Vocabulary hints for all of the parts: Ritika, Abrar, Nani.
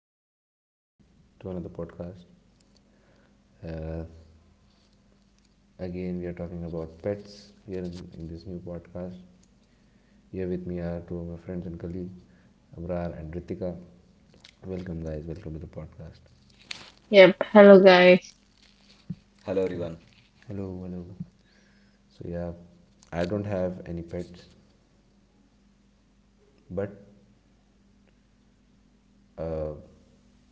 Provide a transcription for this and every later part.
Back again to another podcast. Uh, Again, we are talking about pets here in this new podcast. Here with me are two of my friends and colleagues, Abrar and Ritika. Welcome, guys. Welcome to the podcast. Yep. Hello, guys. Hello Okay. everyone. Hello, hello. So, yeah, I don't have any pets, but uh,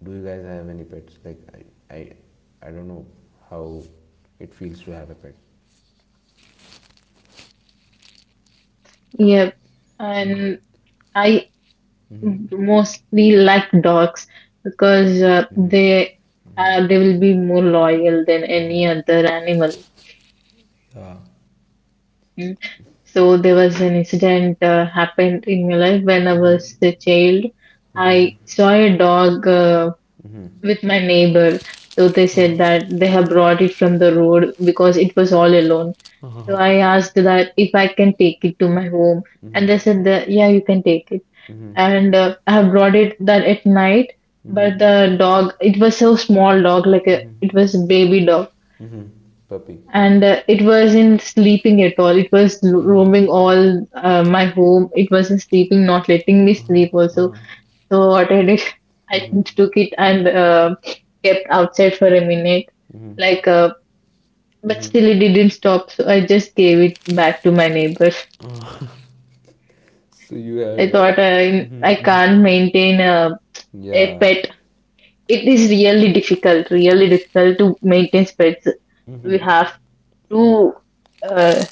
do you guys have any pets? Like, I, I, I don't know how it feels to have a pet. Yep. And I Mm-hmm. mostly like dogs because they will be more loyal than any other animal. Mm-hmm. Mm. So there was an incident happened in my life when I was a child. I saw a dog with my neighbor. So they said that they have brought it from the road because it was all alone. So Yeah. I asked that if I can take it to my home, and they said that yeah, you can take it. And I have brought it that at night. But the dog, it was so small dog, like a, it was baby dog, Puppy, right. and it wasn't sleeping at all. It was Uh-huh. roaming all my home. It wasn't sleeping, not letting me Uh-huh, sleep also. uh-huh. So what I did, I took it and kept outside for a minute, like. But still, it didn't stop. So I just gave it back to my neighbor. So you I thought are. I Mhm, I mhm. can't maintain a Yeah. pet, it is really difficult to maintain pets. We have to uh,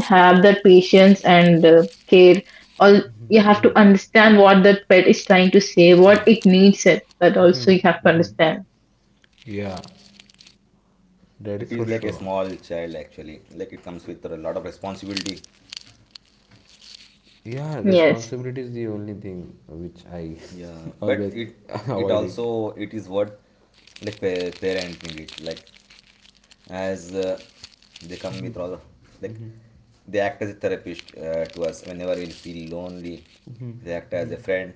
have that patience and care. All you have to understand what that pet is trying to say, what it uh, needs. It that also you have to understand. yeah. That It is is for like a sure. small child actually. Like it comes with a lot of responsibility. Yeah, Yes. responsibility is the only thing which I Yeah, but always it it avoid it. also it is worth like parenting it like as they come Mhm, with all like mhm, they act as a therapist to us whenever we feel lonely. mhm, They act as a mhm. friend.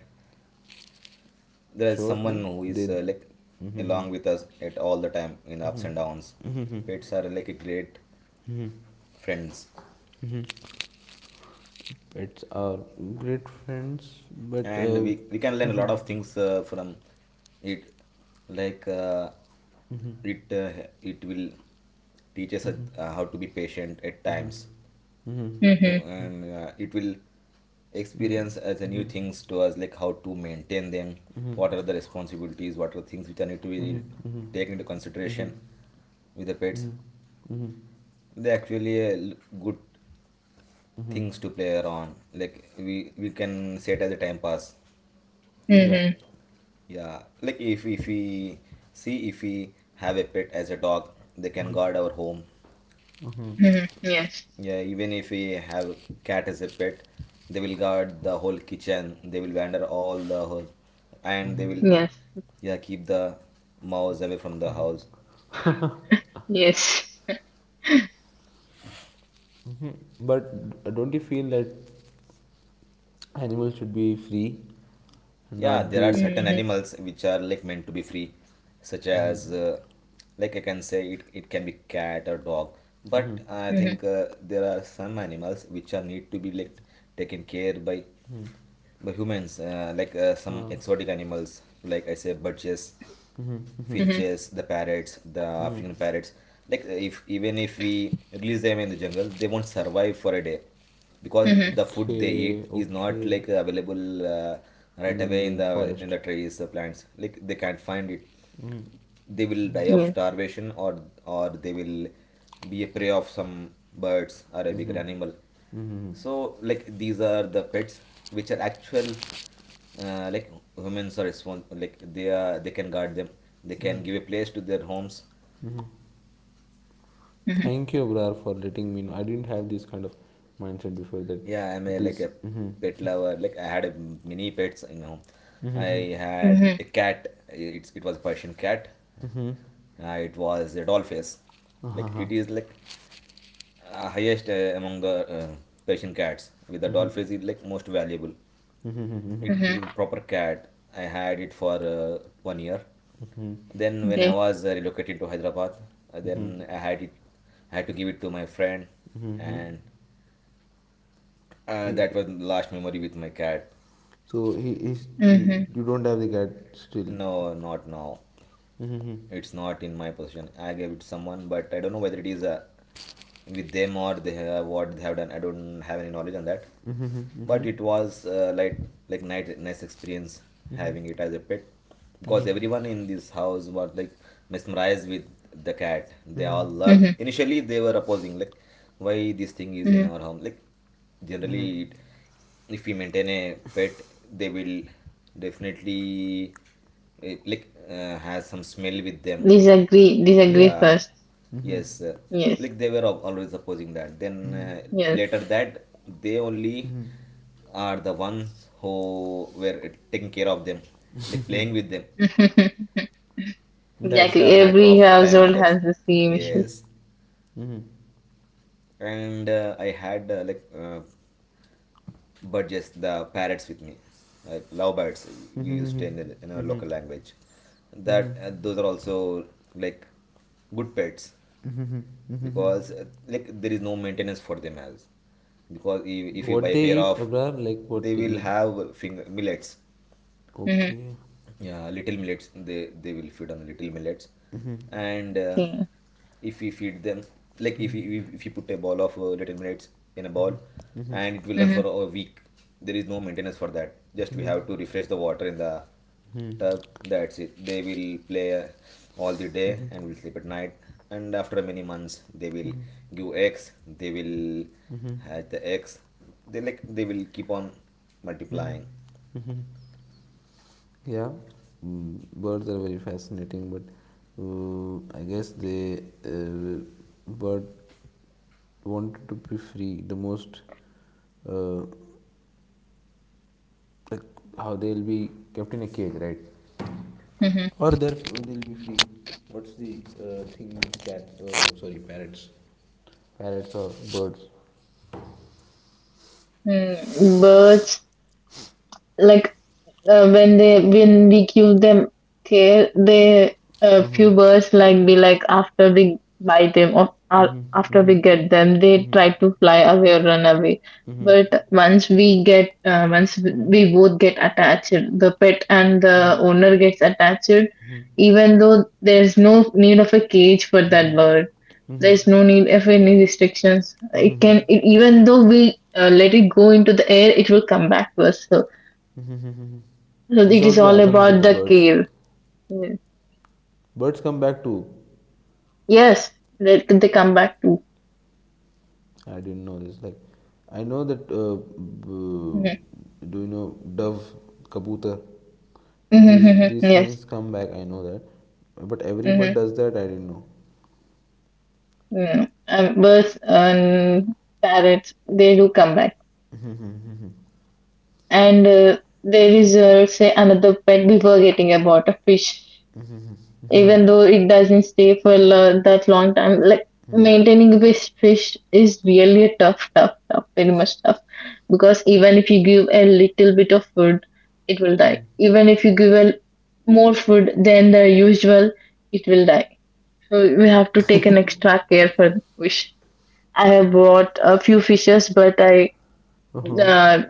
There is someone Surely, who is they like along with us at all the time in ups and downs. Pets are like a great friends, pets are great friends, but and we can learn a lot of things from it like mhm, it will teach us how to be patient at times. Oh, Mhm. and it will experience as a new things to us like how to maintain them, what mhm, are the responsibilities, what are things which are need to mhm, be mhm, taken into consideration with the pets. mhm, mhm, They actually good things mhm. to play around, like we can say it as a time pass. Yeah. Mhm. Yeah, like if we see if we have a pet as a dog, they can Mhm, guard our home. mhm, Mhm. Yes. Yeah, even if we have cat as a pet, they will guard the whole kitchen. They will wander all the whole, and they will yeah keep the mouse away from the house. Yes. mhm. But don't you feel that animals should be free and Yeah, not there are be? certain Mm-hmm. animals which are like meant to be free, such as like I can say it can be cat or dog. But Mhm, I Mm-hmm. think there are some animals which are need to be like taken care by mhm. the humans, like some Uh, exotic animals, like I say, birches, Mm-hmm. finches, the parrots, the African parrots. Like if even if we release them in the jungle, they won't survive for a day, because Mm-hmm. the food they okay, eat is not okay. like available right In away the in forest. the trees, the plants. Like they can't find it. Mm-hmm. They will die of Yes. starvation, or they will be a prey of some birds or a bigger Mm-hmm. animal. So like these are the pets which are actual like humans are respon like they are they can guard them, they can give a place to their homes. Mm-hmm. Mhm. Thank you, Abrar, for letting me know. I didn't have this kind of mindset before that. Yeah, I'm a like This. a Mm-hmm. pet lover. Like I had a mini pets in my home. I Mm-hmm. had Mhm. a cat. It was a Persian cat. Mm-hmm. It was a doll face, Uh-huh. like Uh-huh. it is like highest among the Persian cats. With the Mm-hmm. dolphins, it's like most valuable. Mhm. Mhm. Yes. Mhm. It is Mhm. Mhm. like proper cat. I had it for 1 year. Hmm, Then when I Okay. was relocated to Hyderabad, hmm. then I had it. I had to give it to my friend, Mm-hmm. and that was the last memory with my cat. So he is you, Mhm. you don't have the cat still. No, not now. Mm-hmm. It's not in my possession. I gave it to someone, but I don't know whether it is with them or they have, what they have done. I don't have any knowledge on that. Mm-hmm. But Mm-hmm. it was like nice experience Mm-hmm. having it as a pet, because Mm-hmm. everyone in this house was like mesmerized with the cat. They all loved. Mhm. Initially, they were opposing like why this thing is in Mhm. our home. Like Mm-hmm. generally, it, if we maintain a pet, they will definitely it like has some smell with them. Disagree. Disagree Yeah, first. yes, Yes. like they were always opposing that, then Yes. later that they only are the ones who were taking care of them, like playing with them. That's Exactly. the matter Every of time, household that's has the same issue. yes. And I had like but just the parrots with me, like lovebirds, we used in, in our local language that those are also like good pets, because like there is no maintenance for them as, because if you buy What a they pair eat, of Abrar? Like, they what they will eat? have finger millets. Mm-hmm. Okay. Yeah, little millets, they will feed on little millets. And Okay. if we feed them, like if you Mm-hmm. if you put a ball of little millets in a ball, Mm-hmm. and it will run Hmm. for a week. There is no maintenance for that, just we have to refresh the water in the tub. That's it. They will play all the day and will sleep at night. And after many months, they will give eggs. They will hatch the eggs. They like they will keep on Mm-hmm. multiplying. Mm-hmm. Yeah, birds are very fascinating, but I guess they, bird wanted to be free the most. Uh, like, how they'll be kept in a cage, right? Hmm. Or they'll be free. What's the thing with cats? Oh, sorry, parrots. Parrots or birds. Mm. Birds, like when they when we give them care, they a few birds like be like after we buy them, or after we get them, they try to fly away or run away. But once we get, once we both get attached, the pet and the owner gets attached, even though there's no need of a cage for that bird. There's no need of any restrictions. It can, it, even though we let it go into the air, it will come back to us. So, so This it is also all happens about with the the birds. care. Mm. Birds come back too. Yes, they come back too. I didn't know this. Like, I know that. Mm-hmm. Do you know dove, kabutar? Mm-hmm. these Mm-hmm, these yes. things come back, I know that. But every Mm-hmm. bird does that, I didn't know. Mm. Birds and parrots, they do come back. And there is, let's say, another pet before getting about a fish, even though it doesn't stay for that long time. Like maintaining fish, fish is really a tough, tough, tough, very much tough. Because even if you give a little bit of food, it will die. Even if you give a more food than the usual, it will die. So we have to take an extra care for the fish. I have bought a few fishes, but I Uh-huh, uh,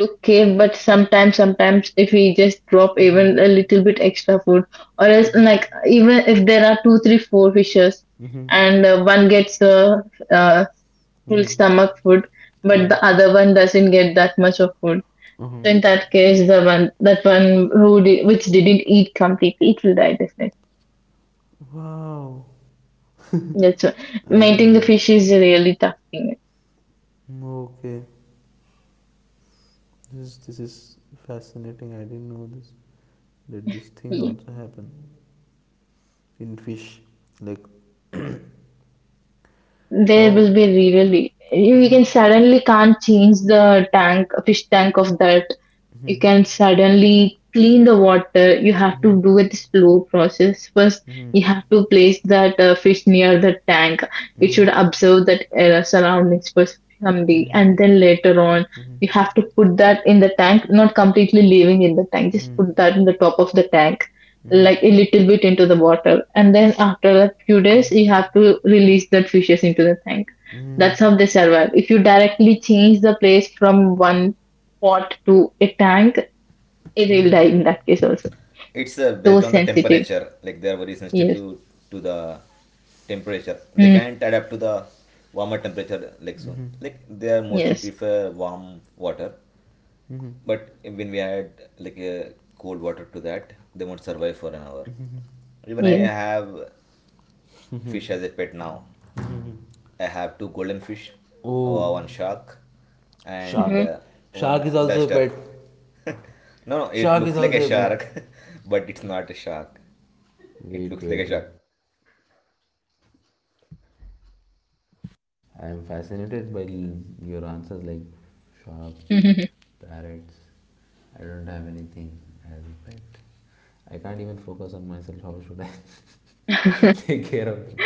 okay, but sometimes, sometimes if we just drop even a little bit extra food, or else like even if there are two, three, four fishes, and one gets a uh, uh, full stomach food, but the other one doesn't get that much of food. So in uh-huh. that case, the one that one who did, which didn't eat completely, it will die definitely. Wow. That's why I didn't maintaining know the that. fish is a really tough thing. Mm, okay, this is fascinating. I didn't know this, that these things Yeah. also happen in fish, like, There how. will be really you can suddenly can't change the tank fish tank of that. You can suddenly clean the water. You have to do it slow process. First, you have to place that fish near the tank. It should Mm, observe that surroundings first someday, and then later on. You have to put that in the tank, not completely leaving in the tank, just put that in the top of the tank like a little bit into the water, and then after a few days you mm, have to release that fishes into the tank. mm, That's how they survive. If you directly change the place from one pot to a tank, it will mm. die in that case also. It's So based on the sensitive. temperature. Like they are very sensitive Yes. to the temperature. They Mm. can't adapt to the warmer temperature like soon. Like they are mostly Yes. prefer warm water. But when we add like cold water to that, they won't survive for an hour. Even I Yes. have fish as a pet now. I have two golden fish, one Oh, shark, shark. and Hmm. Shark one is also a duster. pet. No, no, it Shark is looks like a also a pet. shark, but it's not a shark. It Wait, looks like a wait, shark. wait. I'm fascinated by your answers. Like, sharks, Hmm. parrots. I don't have anything as a pet. I can't even focus on myself. How should I take care of it?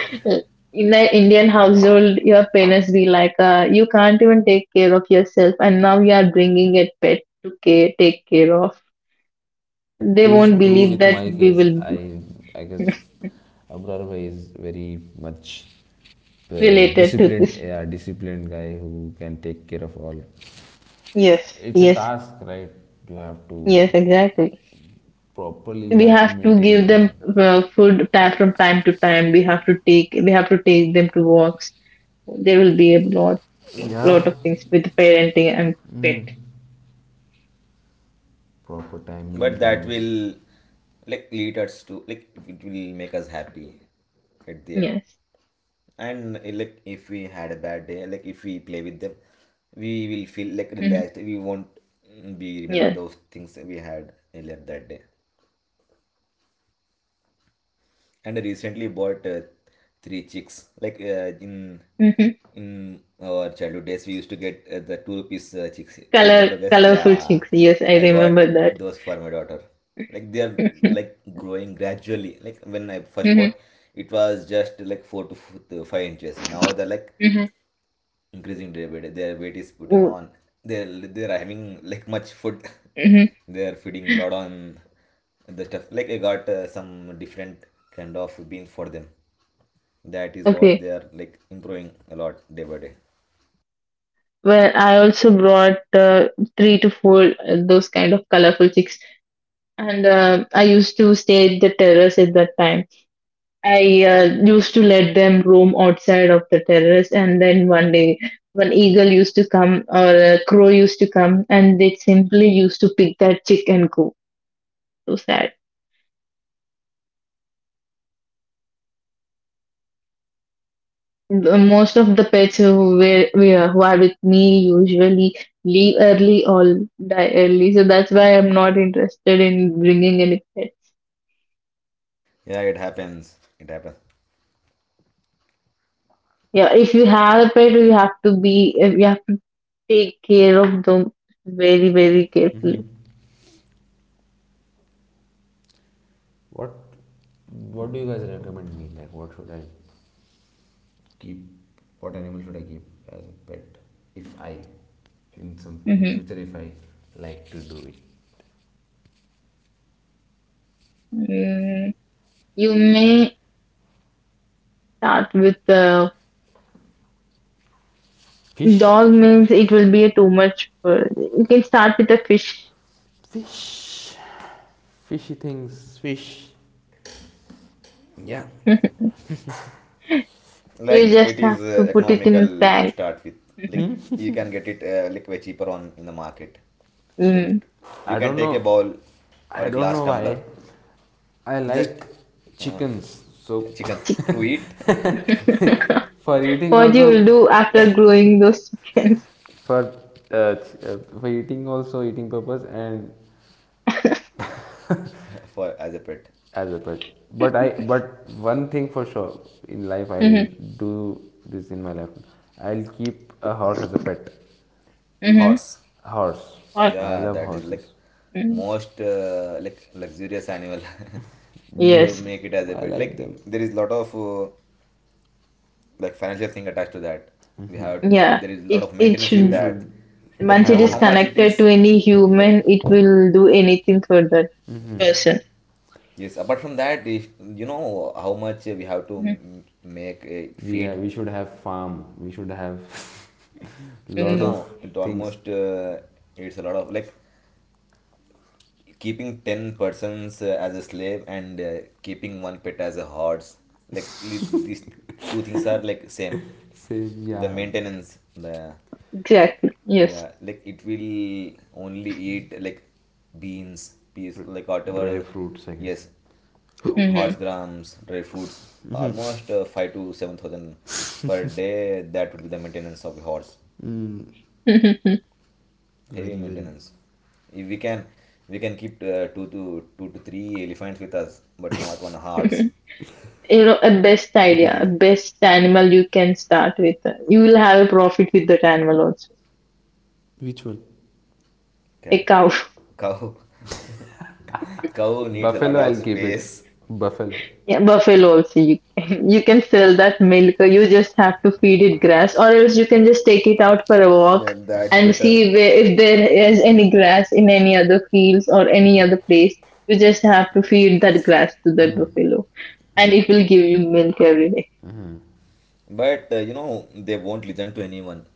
In an Indian household your parents be like you can't even take care of yourself, and now you are bringing a pet to care, take care of. That They is won't true believe with that my we case. will I guess Abrar bhai is very much related to disciplined, this. yeah, disciplined guy who can take care of all. Yes, It's a yes, task, right? You have to yes, exactly. properly. You We have to have to maintain give them. them food time from time to time. We have to take we have to take them to walks. There will be a lot Yeah, lot of things with parenting and pet. proper time, meal But that times. will like lead us to like it will make us happy at the end. Yes, And like if we had a bad day, like if we play with them, we will feel like hmm, relaxed. We won't be remember yes. those things that we had earlier that day. And I recently bought three chicks. Like Hmm. in our childhood days, we used to get the two rupees chicks. Do you Color, remember, guys? colorful Yeah, chicks. Yes, I I got remember that. those for my daughter. Like they are like growing gradually. Like when I first bought, Hmm. it was just like four to to 5 inches. Now they're like Hmm. increasing day by day, their weight is putting on. They they're having like much food. Hmm. They're feeding lot on the stuff, like I got some different kind of beans for them. That is Okay. what they are like improving a lot day by day. Well, I also brought three to four those kind of colorful chicks. And I used to stay at the terrace at that time. I used to let them roam outside of the terrace, and then one day, one eagle used to come or a crow used to come, and they simply used to pick that chick and go. So sad. The- Most of the pets who were who are with me usually leave early or die early, so that's why I'm not interested in bringing any pets. Yeah, it happens, it happens. Yeah, if you have a pet, you have to be you take care of them very, very carefully. Mm-hmm. What What do you guys recommend me? Like, what should I keep, what animal should I keep as a pet, if I, in some, in Mm-hmm. future, if I like to do it. Mm, you may start with a Fish. dog means it will be a too much. For- You can start with a fish. Fish. Fishy things. Fish. Yeah. You Like just it have is to put it in a economical to tank. start with, like you can get it like way cheaper on in the market. Like Mm. you I can don't take a know. bowl or I a don't glass know tumbler. why. I Just like uh, chickens. So, yeah, chickens Chick- to eat. for eating What you will do also, after growing those chickens? for uh, for eating also, eating purpose, and For as a pet. as well, but I but one thing for sure in life, I'll Mm-hmm. do this in my life. I'll keep a horse as a pet. Mm-hmm. Horse. Horse. What? I Yeah, love that is horses. like Mm. most like luxurious animal to Yes. make it as a I pet. like Like them. there is lot of like financial thing attached to that. We have Yeah. there is a lot It of it maintenance with You should that. should Like you once it have know is a how much it connected is. to any Yeah. human, it will do anything for that hmm person. Yes. Apart from that, if you know how much we have to make it feed. we should have farm, we should have lot Mm-hmm. of No, it things. almost it's a lot of like keeping 10 persons as a slave, and keeping one pet as a horse, like these two things are like same, Say, the yeah, maintenance, the Exactly. Yes. yeah. Like it will only eat like beans, peas, like dry whatever. fruits, I guess. Yes, horse Hmm. grams, dry foods, almost 5 to 7,000 per day, that would be the maintenance of a horse. Heavy Very, very. maintenance. If we can we can keep two to three elephants with us, but not one horse. You know, a best It is idea, a easy. best animal you can start with. You will have a profit with that animal also. Which one? A Cat. cow, Cow, cow needs a Buffalo, lot of I'll keep it. space. Buffalo. yeah, buffalo also. You can, you can sell that milk. You just have to feed it grass, or else you can just take it out for a walk Yeah, that's and better. see where, if there is any grass in any other fields or any other place. You just have to feed that grass to that buffalo, and it will give you milk every day. But you know they won't listen to anyone.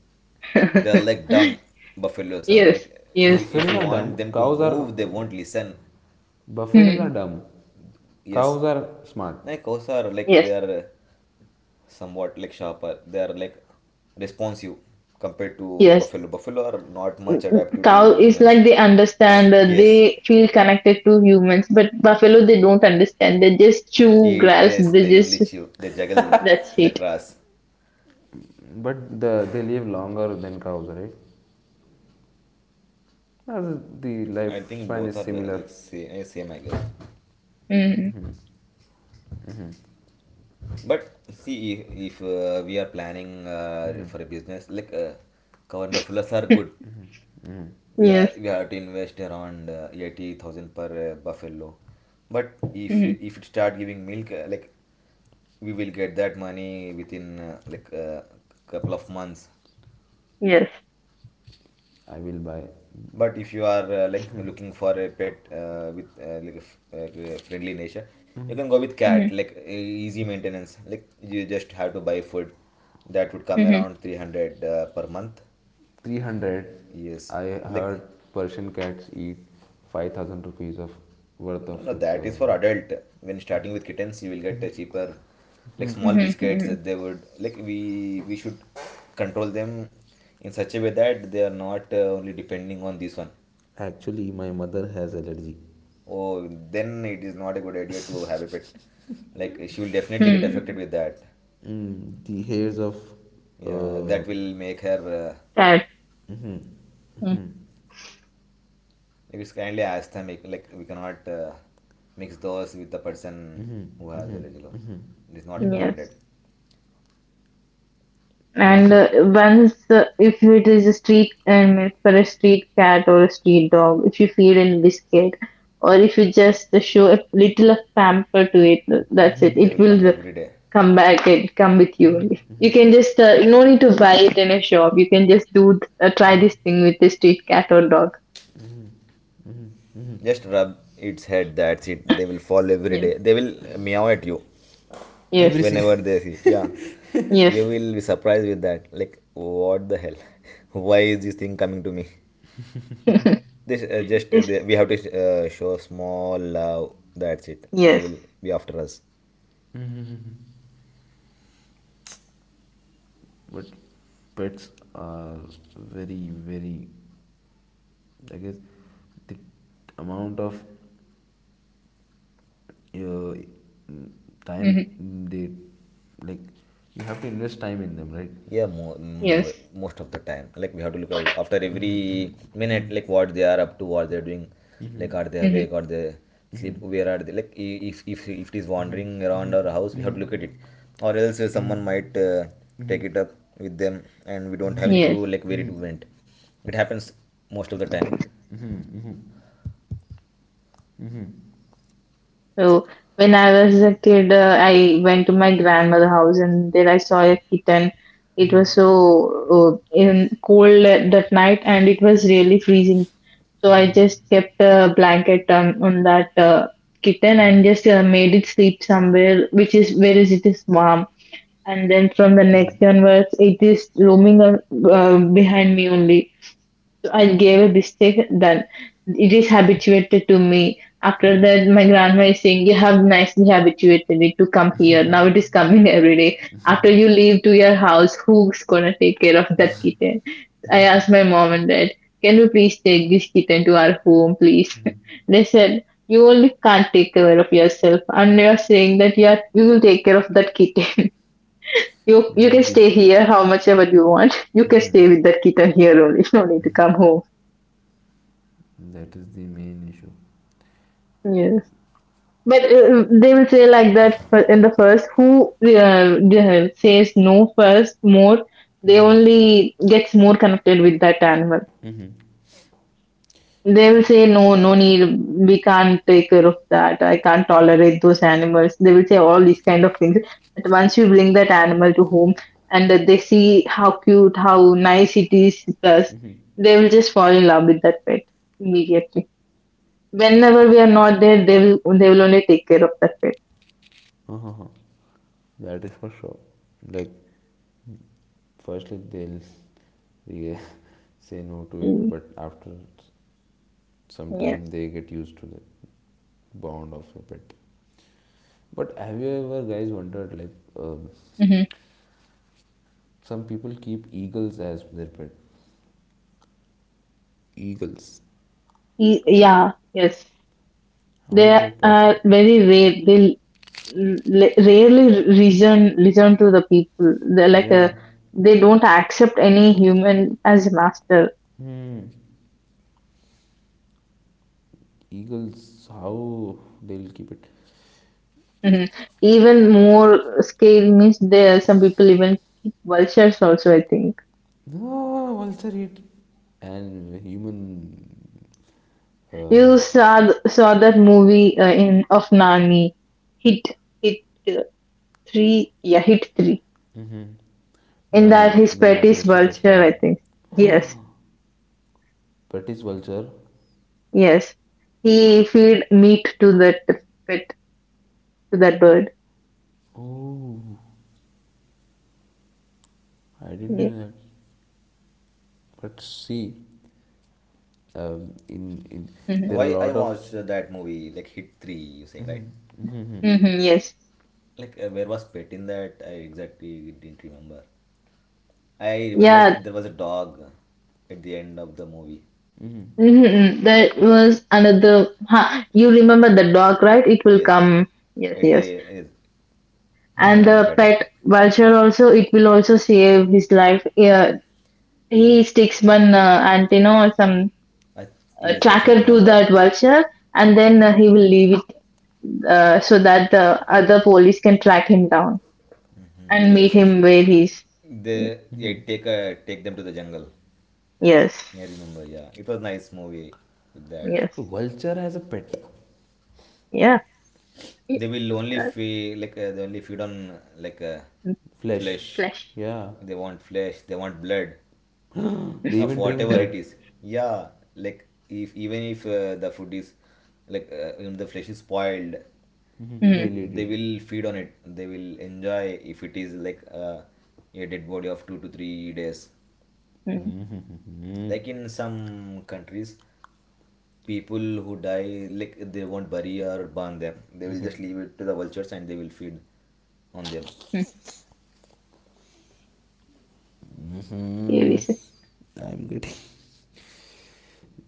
They're like dumb, buffaloes are Yes, like, yes. if Buffaloes you are dumb, want them to cows are. move, they won't listen. Buffaloes are Hmm. dumb, Yes, cows are smart. like cows are like Yes, they are, somewhat like sharper. They are like responsive compared to yes. buffalo. Buffalo are not much adaptive to Cow is women's. like they understand, Yes, they feel connected to humans, but buffalo they don't understand. They just chew it grass. is. They They only just chew. They juggle that's the it. grass. But they live longer than cows, right? Or the I think lifespan both is are similar. like same I guess. Mm. But see, if we are planning Hmm, for a business, like cow and buffaloes are good. hmm. Yeah, Yes. we have to invest around 80,000 per buffalo. But if Mm. if it start giving milk, like we will get that money within like a couple of months. Yes. I will buy But if you are like looking for a pet with like a friendly nature, you can go with cat. Mm. Like easy maintenance. Like you just have to buy food. That would come Hmm. around 300 per month. 300. Yes, I like. heard Persian cats eat 5,000 rupees of worth No, of. no, that is for Uh, adult. When starting with kittens, you will get a cheaper, like small Hmm. biscuits Hmm. that they would like. We should control them in such a way that they are not only depending on this one. Actually, my mother has allergy. Oh, then it is not a good idea to have a pet. Like she will definitely get Mm-hmm. affected Mm. with that. Mm, the hairs of. Yeah, Uh, that will make her. That. mm-hmm. Mm. Like it's kindly asthmatic. Like we cannot mix those with the person who has allergy. Law. It is not recommended. Yes. Yes, And sir. Once, if it is a street animal for a street cat or a street dog, if you feed in biscuit, or if you just show a little of pamper to it, that's it. They It will come will every day. come back and come with you only. You can just no need to buy it in a shop. You can just do try this thing with the street cat or dog. Just rub its head, that's it. They will fall every Yes, day. They will meow at you yes, Everything. whenever they see. Yeah. yes, You will be surprised with that. Like, what the hell? Why is this thing coming to me? This yes, we have to show small love. That's it. They yes, will be after us. But pets are very, very. I guess the amount of uh, time hmm, they, like, you have to invest time in them, right? Yeah, yes, most of the time. Like we have to look at after every Mm-hmm, mm-hmm, minute, like what they are up to, what they're doing. mm-hmm, Like are they hmm, awake? Are they sleep? Where are they? Like if it is wandering around our house, we have to look mm-hmm, at it, or else someone might take it up with them, and we don't have any clue yes. like where it went. It happens most of the time. So when I was a kid, I went to my grandmother's house and there I saw a kitten. It was so in cold that night, and it was really freezing. So I just kept a blanket on that kitten and just made it sleep somewhere, which is whereas it is warm. And then from the next hmm. day onwards, it is roaming behind me only. I gave a mistake, then it is habituated to me. After that, my grandma is saying, "You have nicely habituated it to come here. Now it is coming every day. After you leave to your house, who's gonna take care of that kitten?" I asked my mom and dad, "Can you please take this kitten to our home, please?" They said, "You only can't take care of yourself, and you are saying that you, are, you will take care of that kitten. You Yeah, can stay this here how much ever you want. You can stay with that kitten here only. You don't need to come home." that is the main issue. Yes, but they will say like that fir- in the first. Who says no first more, they Mm-hmm, only gets more connected with that animal. mm-hmm, They will say no, no need. We can't take care of that. I can't tolerate those animals. They will say all these kind of things. But once you bring that animal to home and they see how cute, how nice it is, plus mm-hmm. they will just fall in love with that pet immediately. Whenever we are not there, they will only take care of that pet. Uh-huh. That is for sure. Like, firstly they say no to it, but after some Yes. time they get used to the bond of the pet. But have you ever guys wondered, like, um, Hmm. some people keep eagles as their pet? Eagles. Y- Yeah, yes. How is They that are possible? very rare. They l- l- rarely reason listen to the people. They're like Yeah. a, they don't accept any human as a master. Hmm. Eagles, how they'll keep it? Hmm. Even more scary means there are some people even keep vultures also, I think. No, vulture eat and human. You Uh, saw th- saw that movie in of Nani, Hit Hit uh, three, yeah, Hit three. mhm. In that Nani, his the pet is natural vulture, superstar. I think. Yes. British vulture. Yes. He feed meat to that pet, to that bird. Oh, I didn't Yeah. know that. But see, in Mm-hmm. there are a Why I lot of. watched that movie like Hit Three? You saying right? Hmm. Yes. Like where was Pet in that? I exactly didn't remember. I remember Yeah. there was a dog at the end of the movie. Mhm. Mm-hmm. That was another. Huh. You remember the dog, right? It will Yes, come. Yes, at yes. the the And Mhm. final the fighting. pet vulture also, it will also save his life. Yeah. He sticks one antenna or some I, yes, yes, I tracker to remember. that vulture, and then he will leave it so that the other police can track him down Mhm, and meet yes, yes. him where he's. They yeah, Mhm. take a, take them to the jungle. Yes. I remember. Yeah, it was nice movie with that. So Yes. vulture has a pet Yeah. It, They will only that, feed like they only feed on like mm, flesh. flesh. flesh. Yeah, They want flesh. They want blood. they Of even drink whatever blood. it is, yeah, like if even if the food is like the flesh is spoiled, Mm-hmm. Mm, They'll eat they it. will feed on it, they will enjoy if it is like a dead body of 2 to 3 days, mm, Mhm. like in some countries people who die, like they won't bury or burn them, they will just leave it to the vultures and they will feed on them. mm. Yeah, we Mhm. see. I'm getting.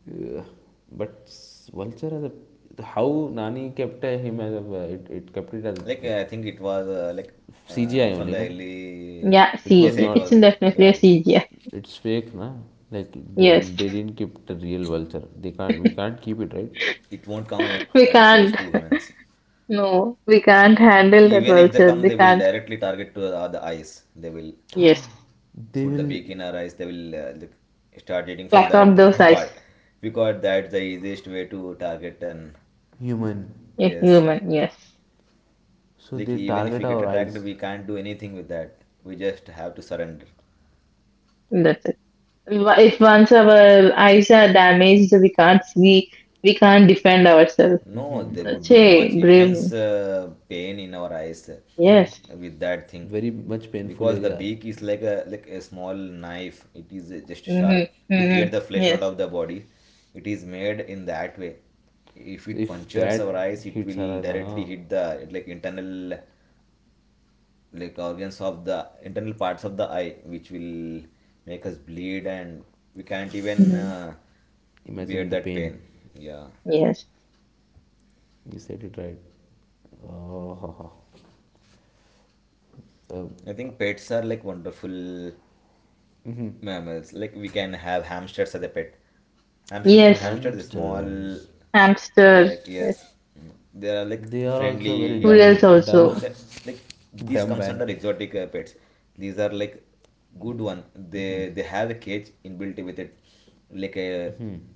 Ugh. But vulture as a, how Nani kept, him as a, it kept it as a Like I think it was like CGI from only the na. early, Yeah, It was yes, CG. it It's was not, definitely a graphic. CG. it's fake na. Like Yes. they didn't keep the real vulture. They can't We can't keep it, right. It won't come We like close can't. to humans. No, we can't handle that Even if they vulture. come, They they will can't. directly target to the eyes, they will Yes. They put the will beak in our eyes, they will like, start eating from Pluck out that those eyes. part, because that's the easiest way to target. And human. A yes, human. Yes. So like they even if target we get our attacked, eyes. we can't do anything with that, we just have to surrender. That's it. Wa- If once our eyes are damaged, we can't see. We can't defend ourselves. No, there would That's be much a brave. immense pain in our eyes Yes. With that thing, Very much painful because the area. beak is like a small knife. It is just Mm-hmm. sharp to tear Mm-hmm. the flesh out Yes. of the body. It is made in that way. If So it if punctures our that eyes, it hits our will eyes, directly ah, hit the like internal, like organs of the internal parts of the eye, which will make us bleed, and we can't even Mm-hmm. Bear imagine the that pain. pain. Yeah. Yes. You said it right. Oh. uh, I think pets are like wonderful mammals. Like we can have hamsters as a pet. Hamsters, you know, Yes. hamsters, the small, hamsters. Hamster. like Yes. yes, mm, they are like They are also friendly very to dumb, Rules humans. dumb. That also. like these comes Dumb under and exotic pets. These are like good one. They have a cage inbuilt with it, like a hmm.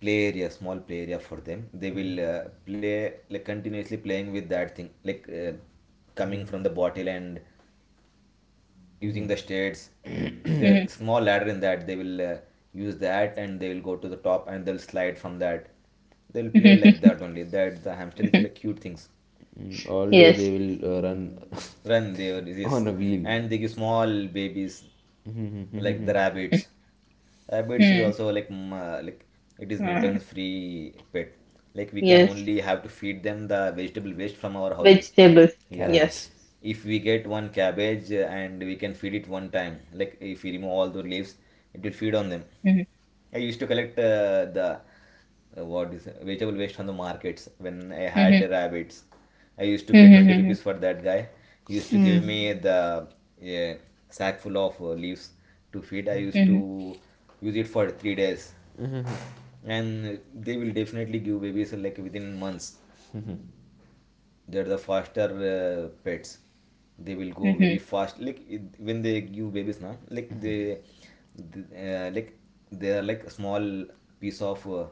play area, small play area for them. They will play like continuously playing with that thing, like coming from the bottle and using the states, Mm-hmm. the small ladder in that they will use that, and they will go to the top and they'll slide from that. They'll play like that only, that the hamster is like cute things. All day they Yes. will run Run, they were, on yes, a wheel. and they give small babies like the rabbits. Rabbits is also like mm, like it is Mm-hmm. maintenance free pet, like we can Yes. only have to feed them the vegetable waste from our houses. Vegetables. Yeah, Yes. Carrots. if we get one cabbage and we can feed it one time, like if we remove all the leaves, it will feed on them. Mm. I used to collect the what is it, vegetable waste from the markets when I had the rabbits. I used to pay 20 I rupees for that guy. He used to give me the uh, sack full of leaves to feed. I used to use it for 3 days, It's and they will definitely give babies like within months. They're the faster pets, they will go very fast, like when they give babies now, like like they are like a small piece of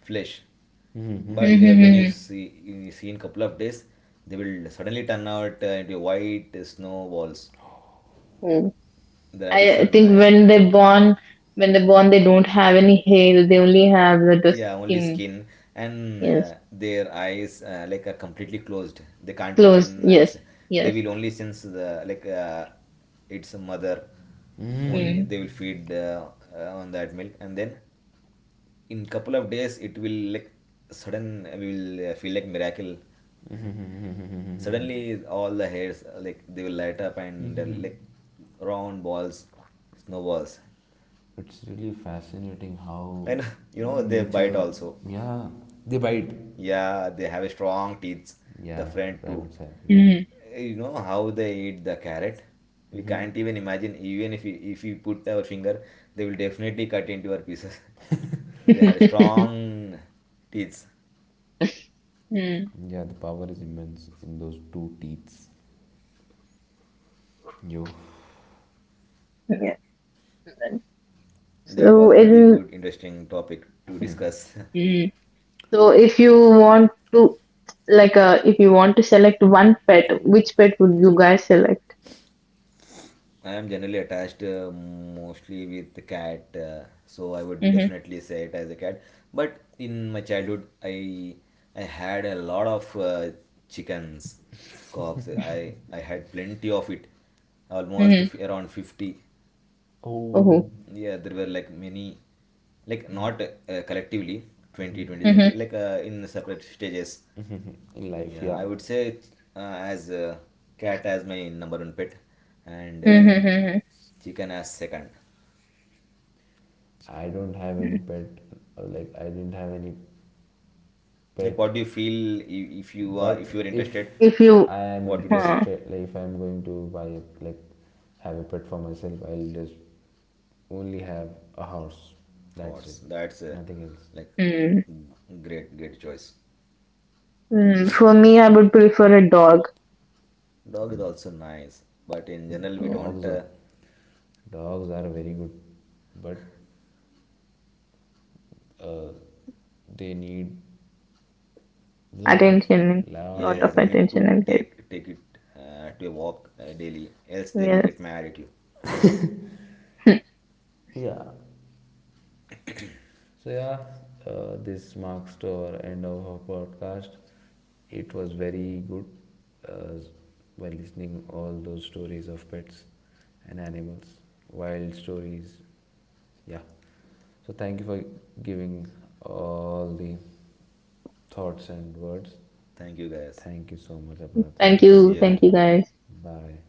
flesh, but when you see in couple of days, they will suddenly turn out into white snowballs. The rabbits I are think nice. When they born, they don't have any hair. They only have the Yeah, only skin. skin, and Yes. Their eyes like are completely closed. They can't Clothes. open eyes. Yes. They Yes. will only sense the like its mother. Only Skin. they will feed on that milk, and then in couple of days it will like sudden we will feel like miracle. Suddenly all the hairs like they will light up and like round balls, snowballs, really fascinating how and you know they bite nature. also. Yeah, they bite. Yeah, they have a strong teeth, the Yeah, front too. rabbits have. Yeah. Yeah. You know how they eat the carrot? We hmm can't even imagine. Even if we put our finger, they will definitely cut into our pieces. They had strong teeth. Yeah, the power is immense in those two teeth. Yo. That was So a it pretty good, interesting topic to discuss. is. So if you want to like if you want to select one pet, which pet would you guys select? I am generally attached mostly with the cat, so I would Mhm. definitely say it as a cat. But in my childhood, I had a lot of chickens, cobs. I had plenty of it, almost Mhm. Around 50. Oh. Oh, Yeah, there were like many, like not collectively 20, twenty mhm. thirty. Like in separate stages. In life, Yeah, yeah, I would say it, as cat as my number one pet, and Mhm. Mhm. chicken as second. I don't have any Mhm. pet, or like, I didn't have any Like, pet. what do you feel if you are But if you are if interested? If you I am What would you huh. select? interested, like, if I'm going to like have a pet for myself, I'll just only have a horse. That's Horse. it. That's a Nothing else. like Mhm. great great choice. Mm, for me, I would prefer a dog. Dog is also nice, but in general we Mm, don't. dogs are dogs are very good, but uh, they need lot of attention, lot lot of Yes, of we need attention. to attention and help. take it to a walk daily, else they will Yes. get mad at you. Yeah, so, yeah, this marks the end of our podcast. It was very good us by listening all those stories of pets and animals, wild stories. Yeah. So thank you for giving all the thoughts and words. Thank you guys. Thank you so much, Abra. Thank you so much, See you thank again. Ritika. you guys. Bye.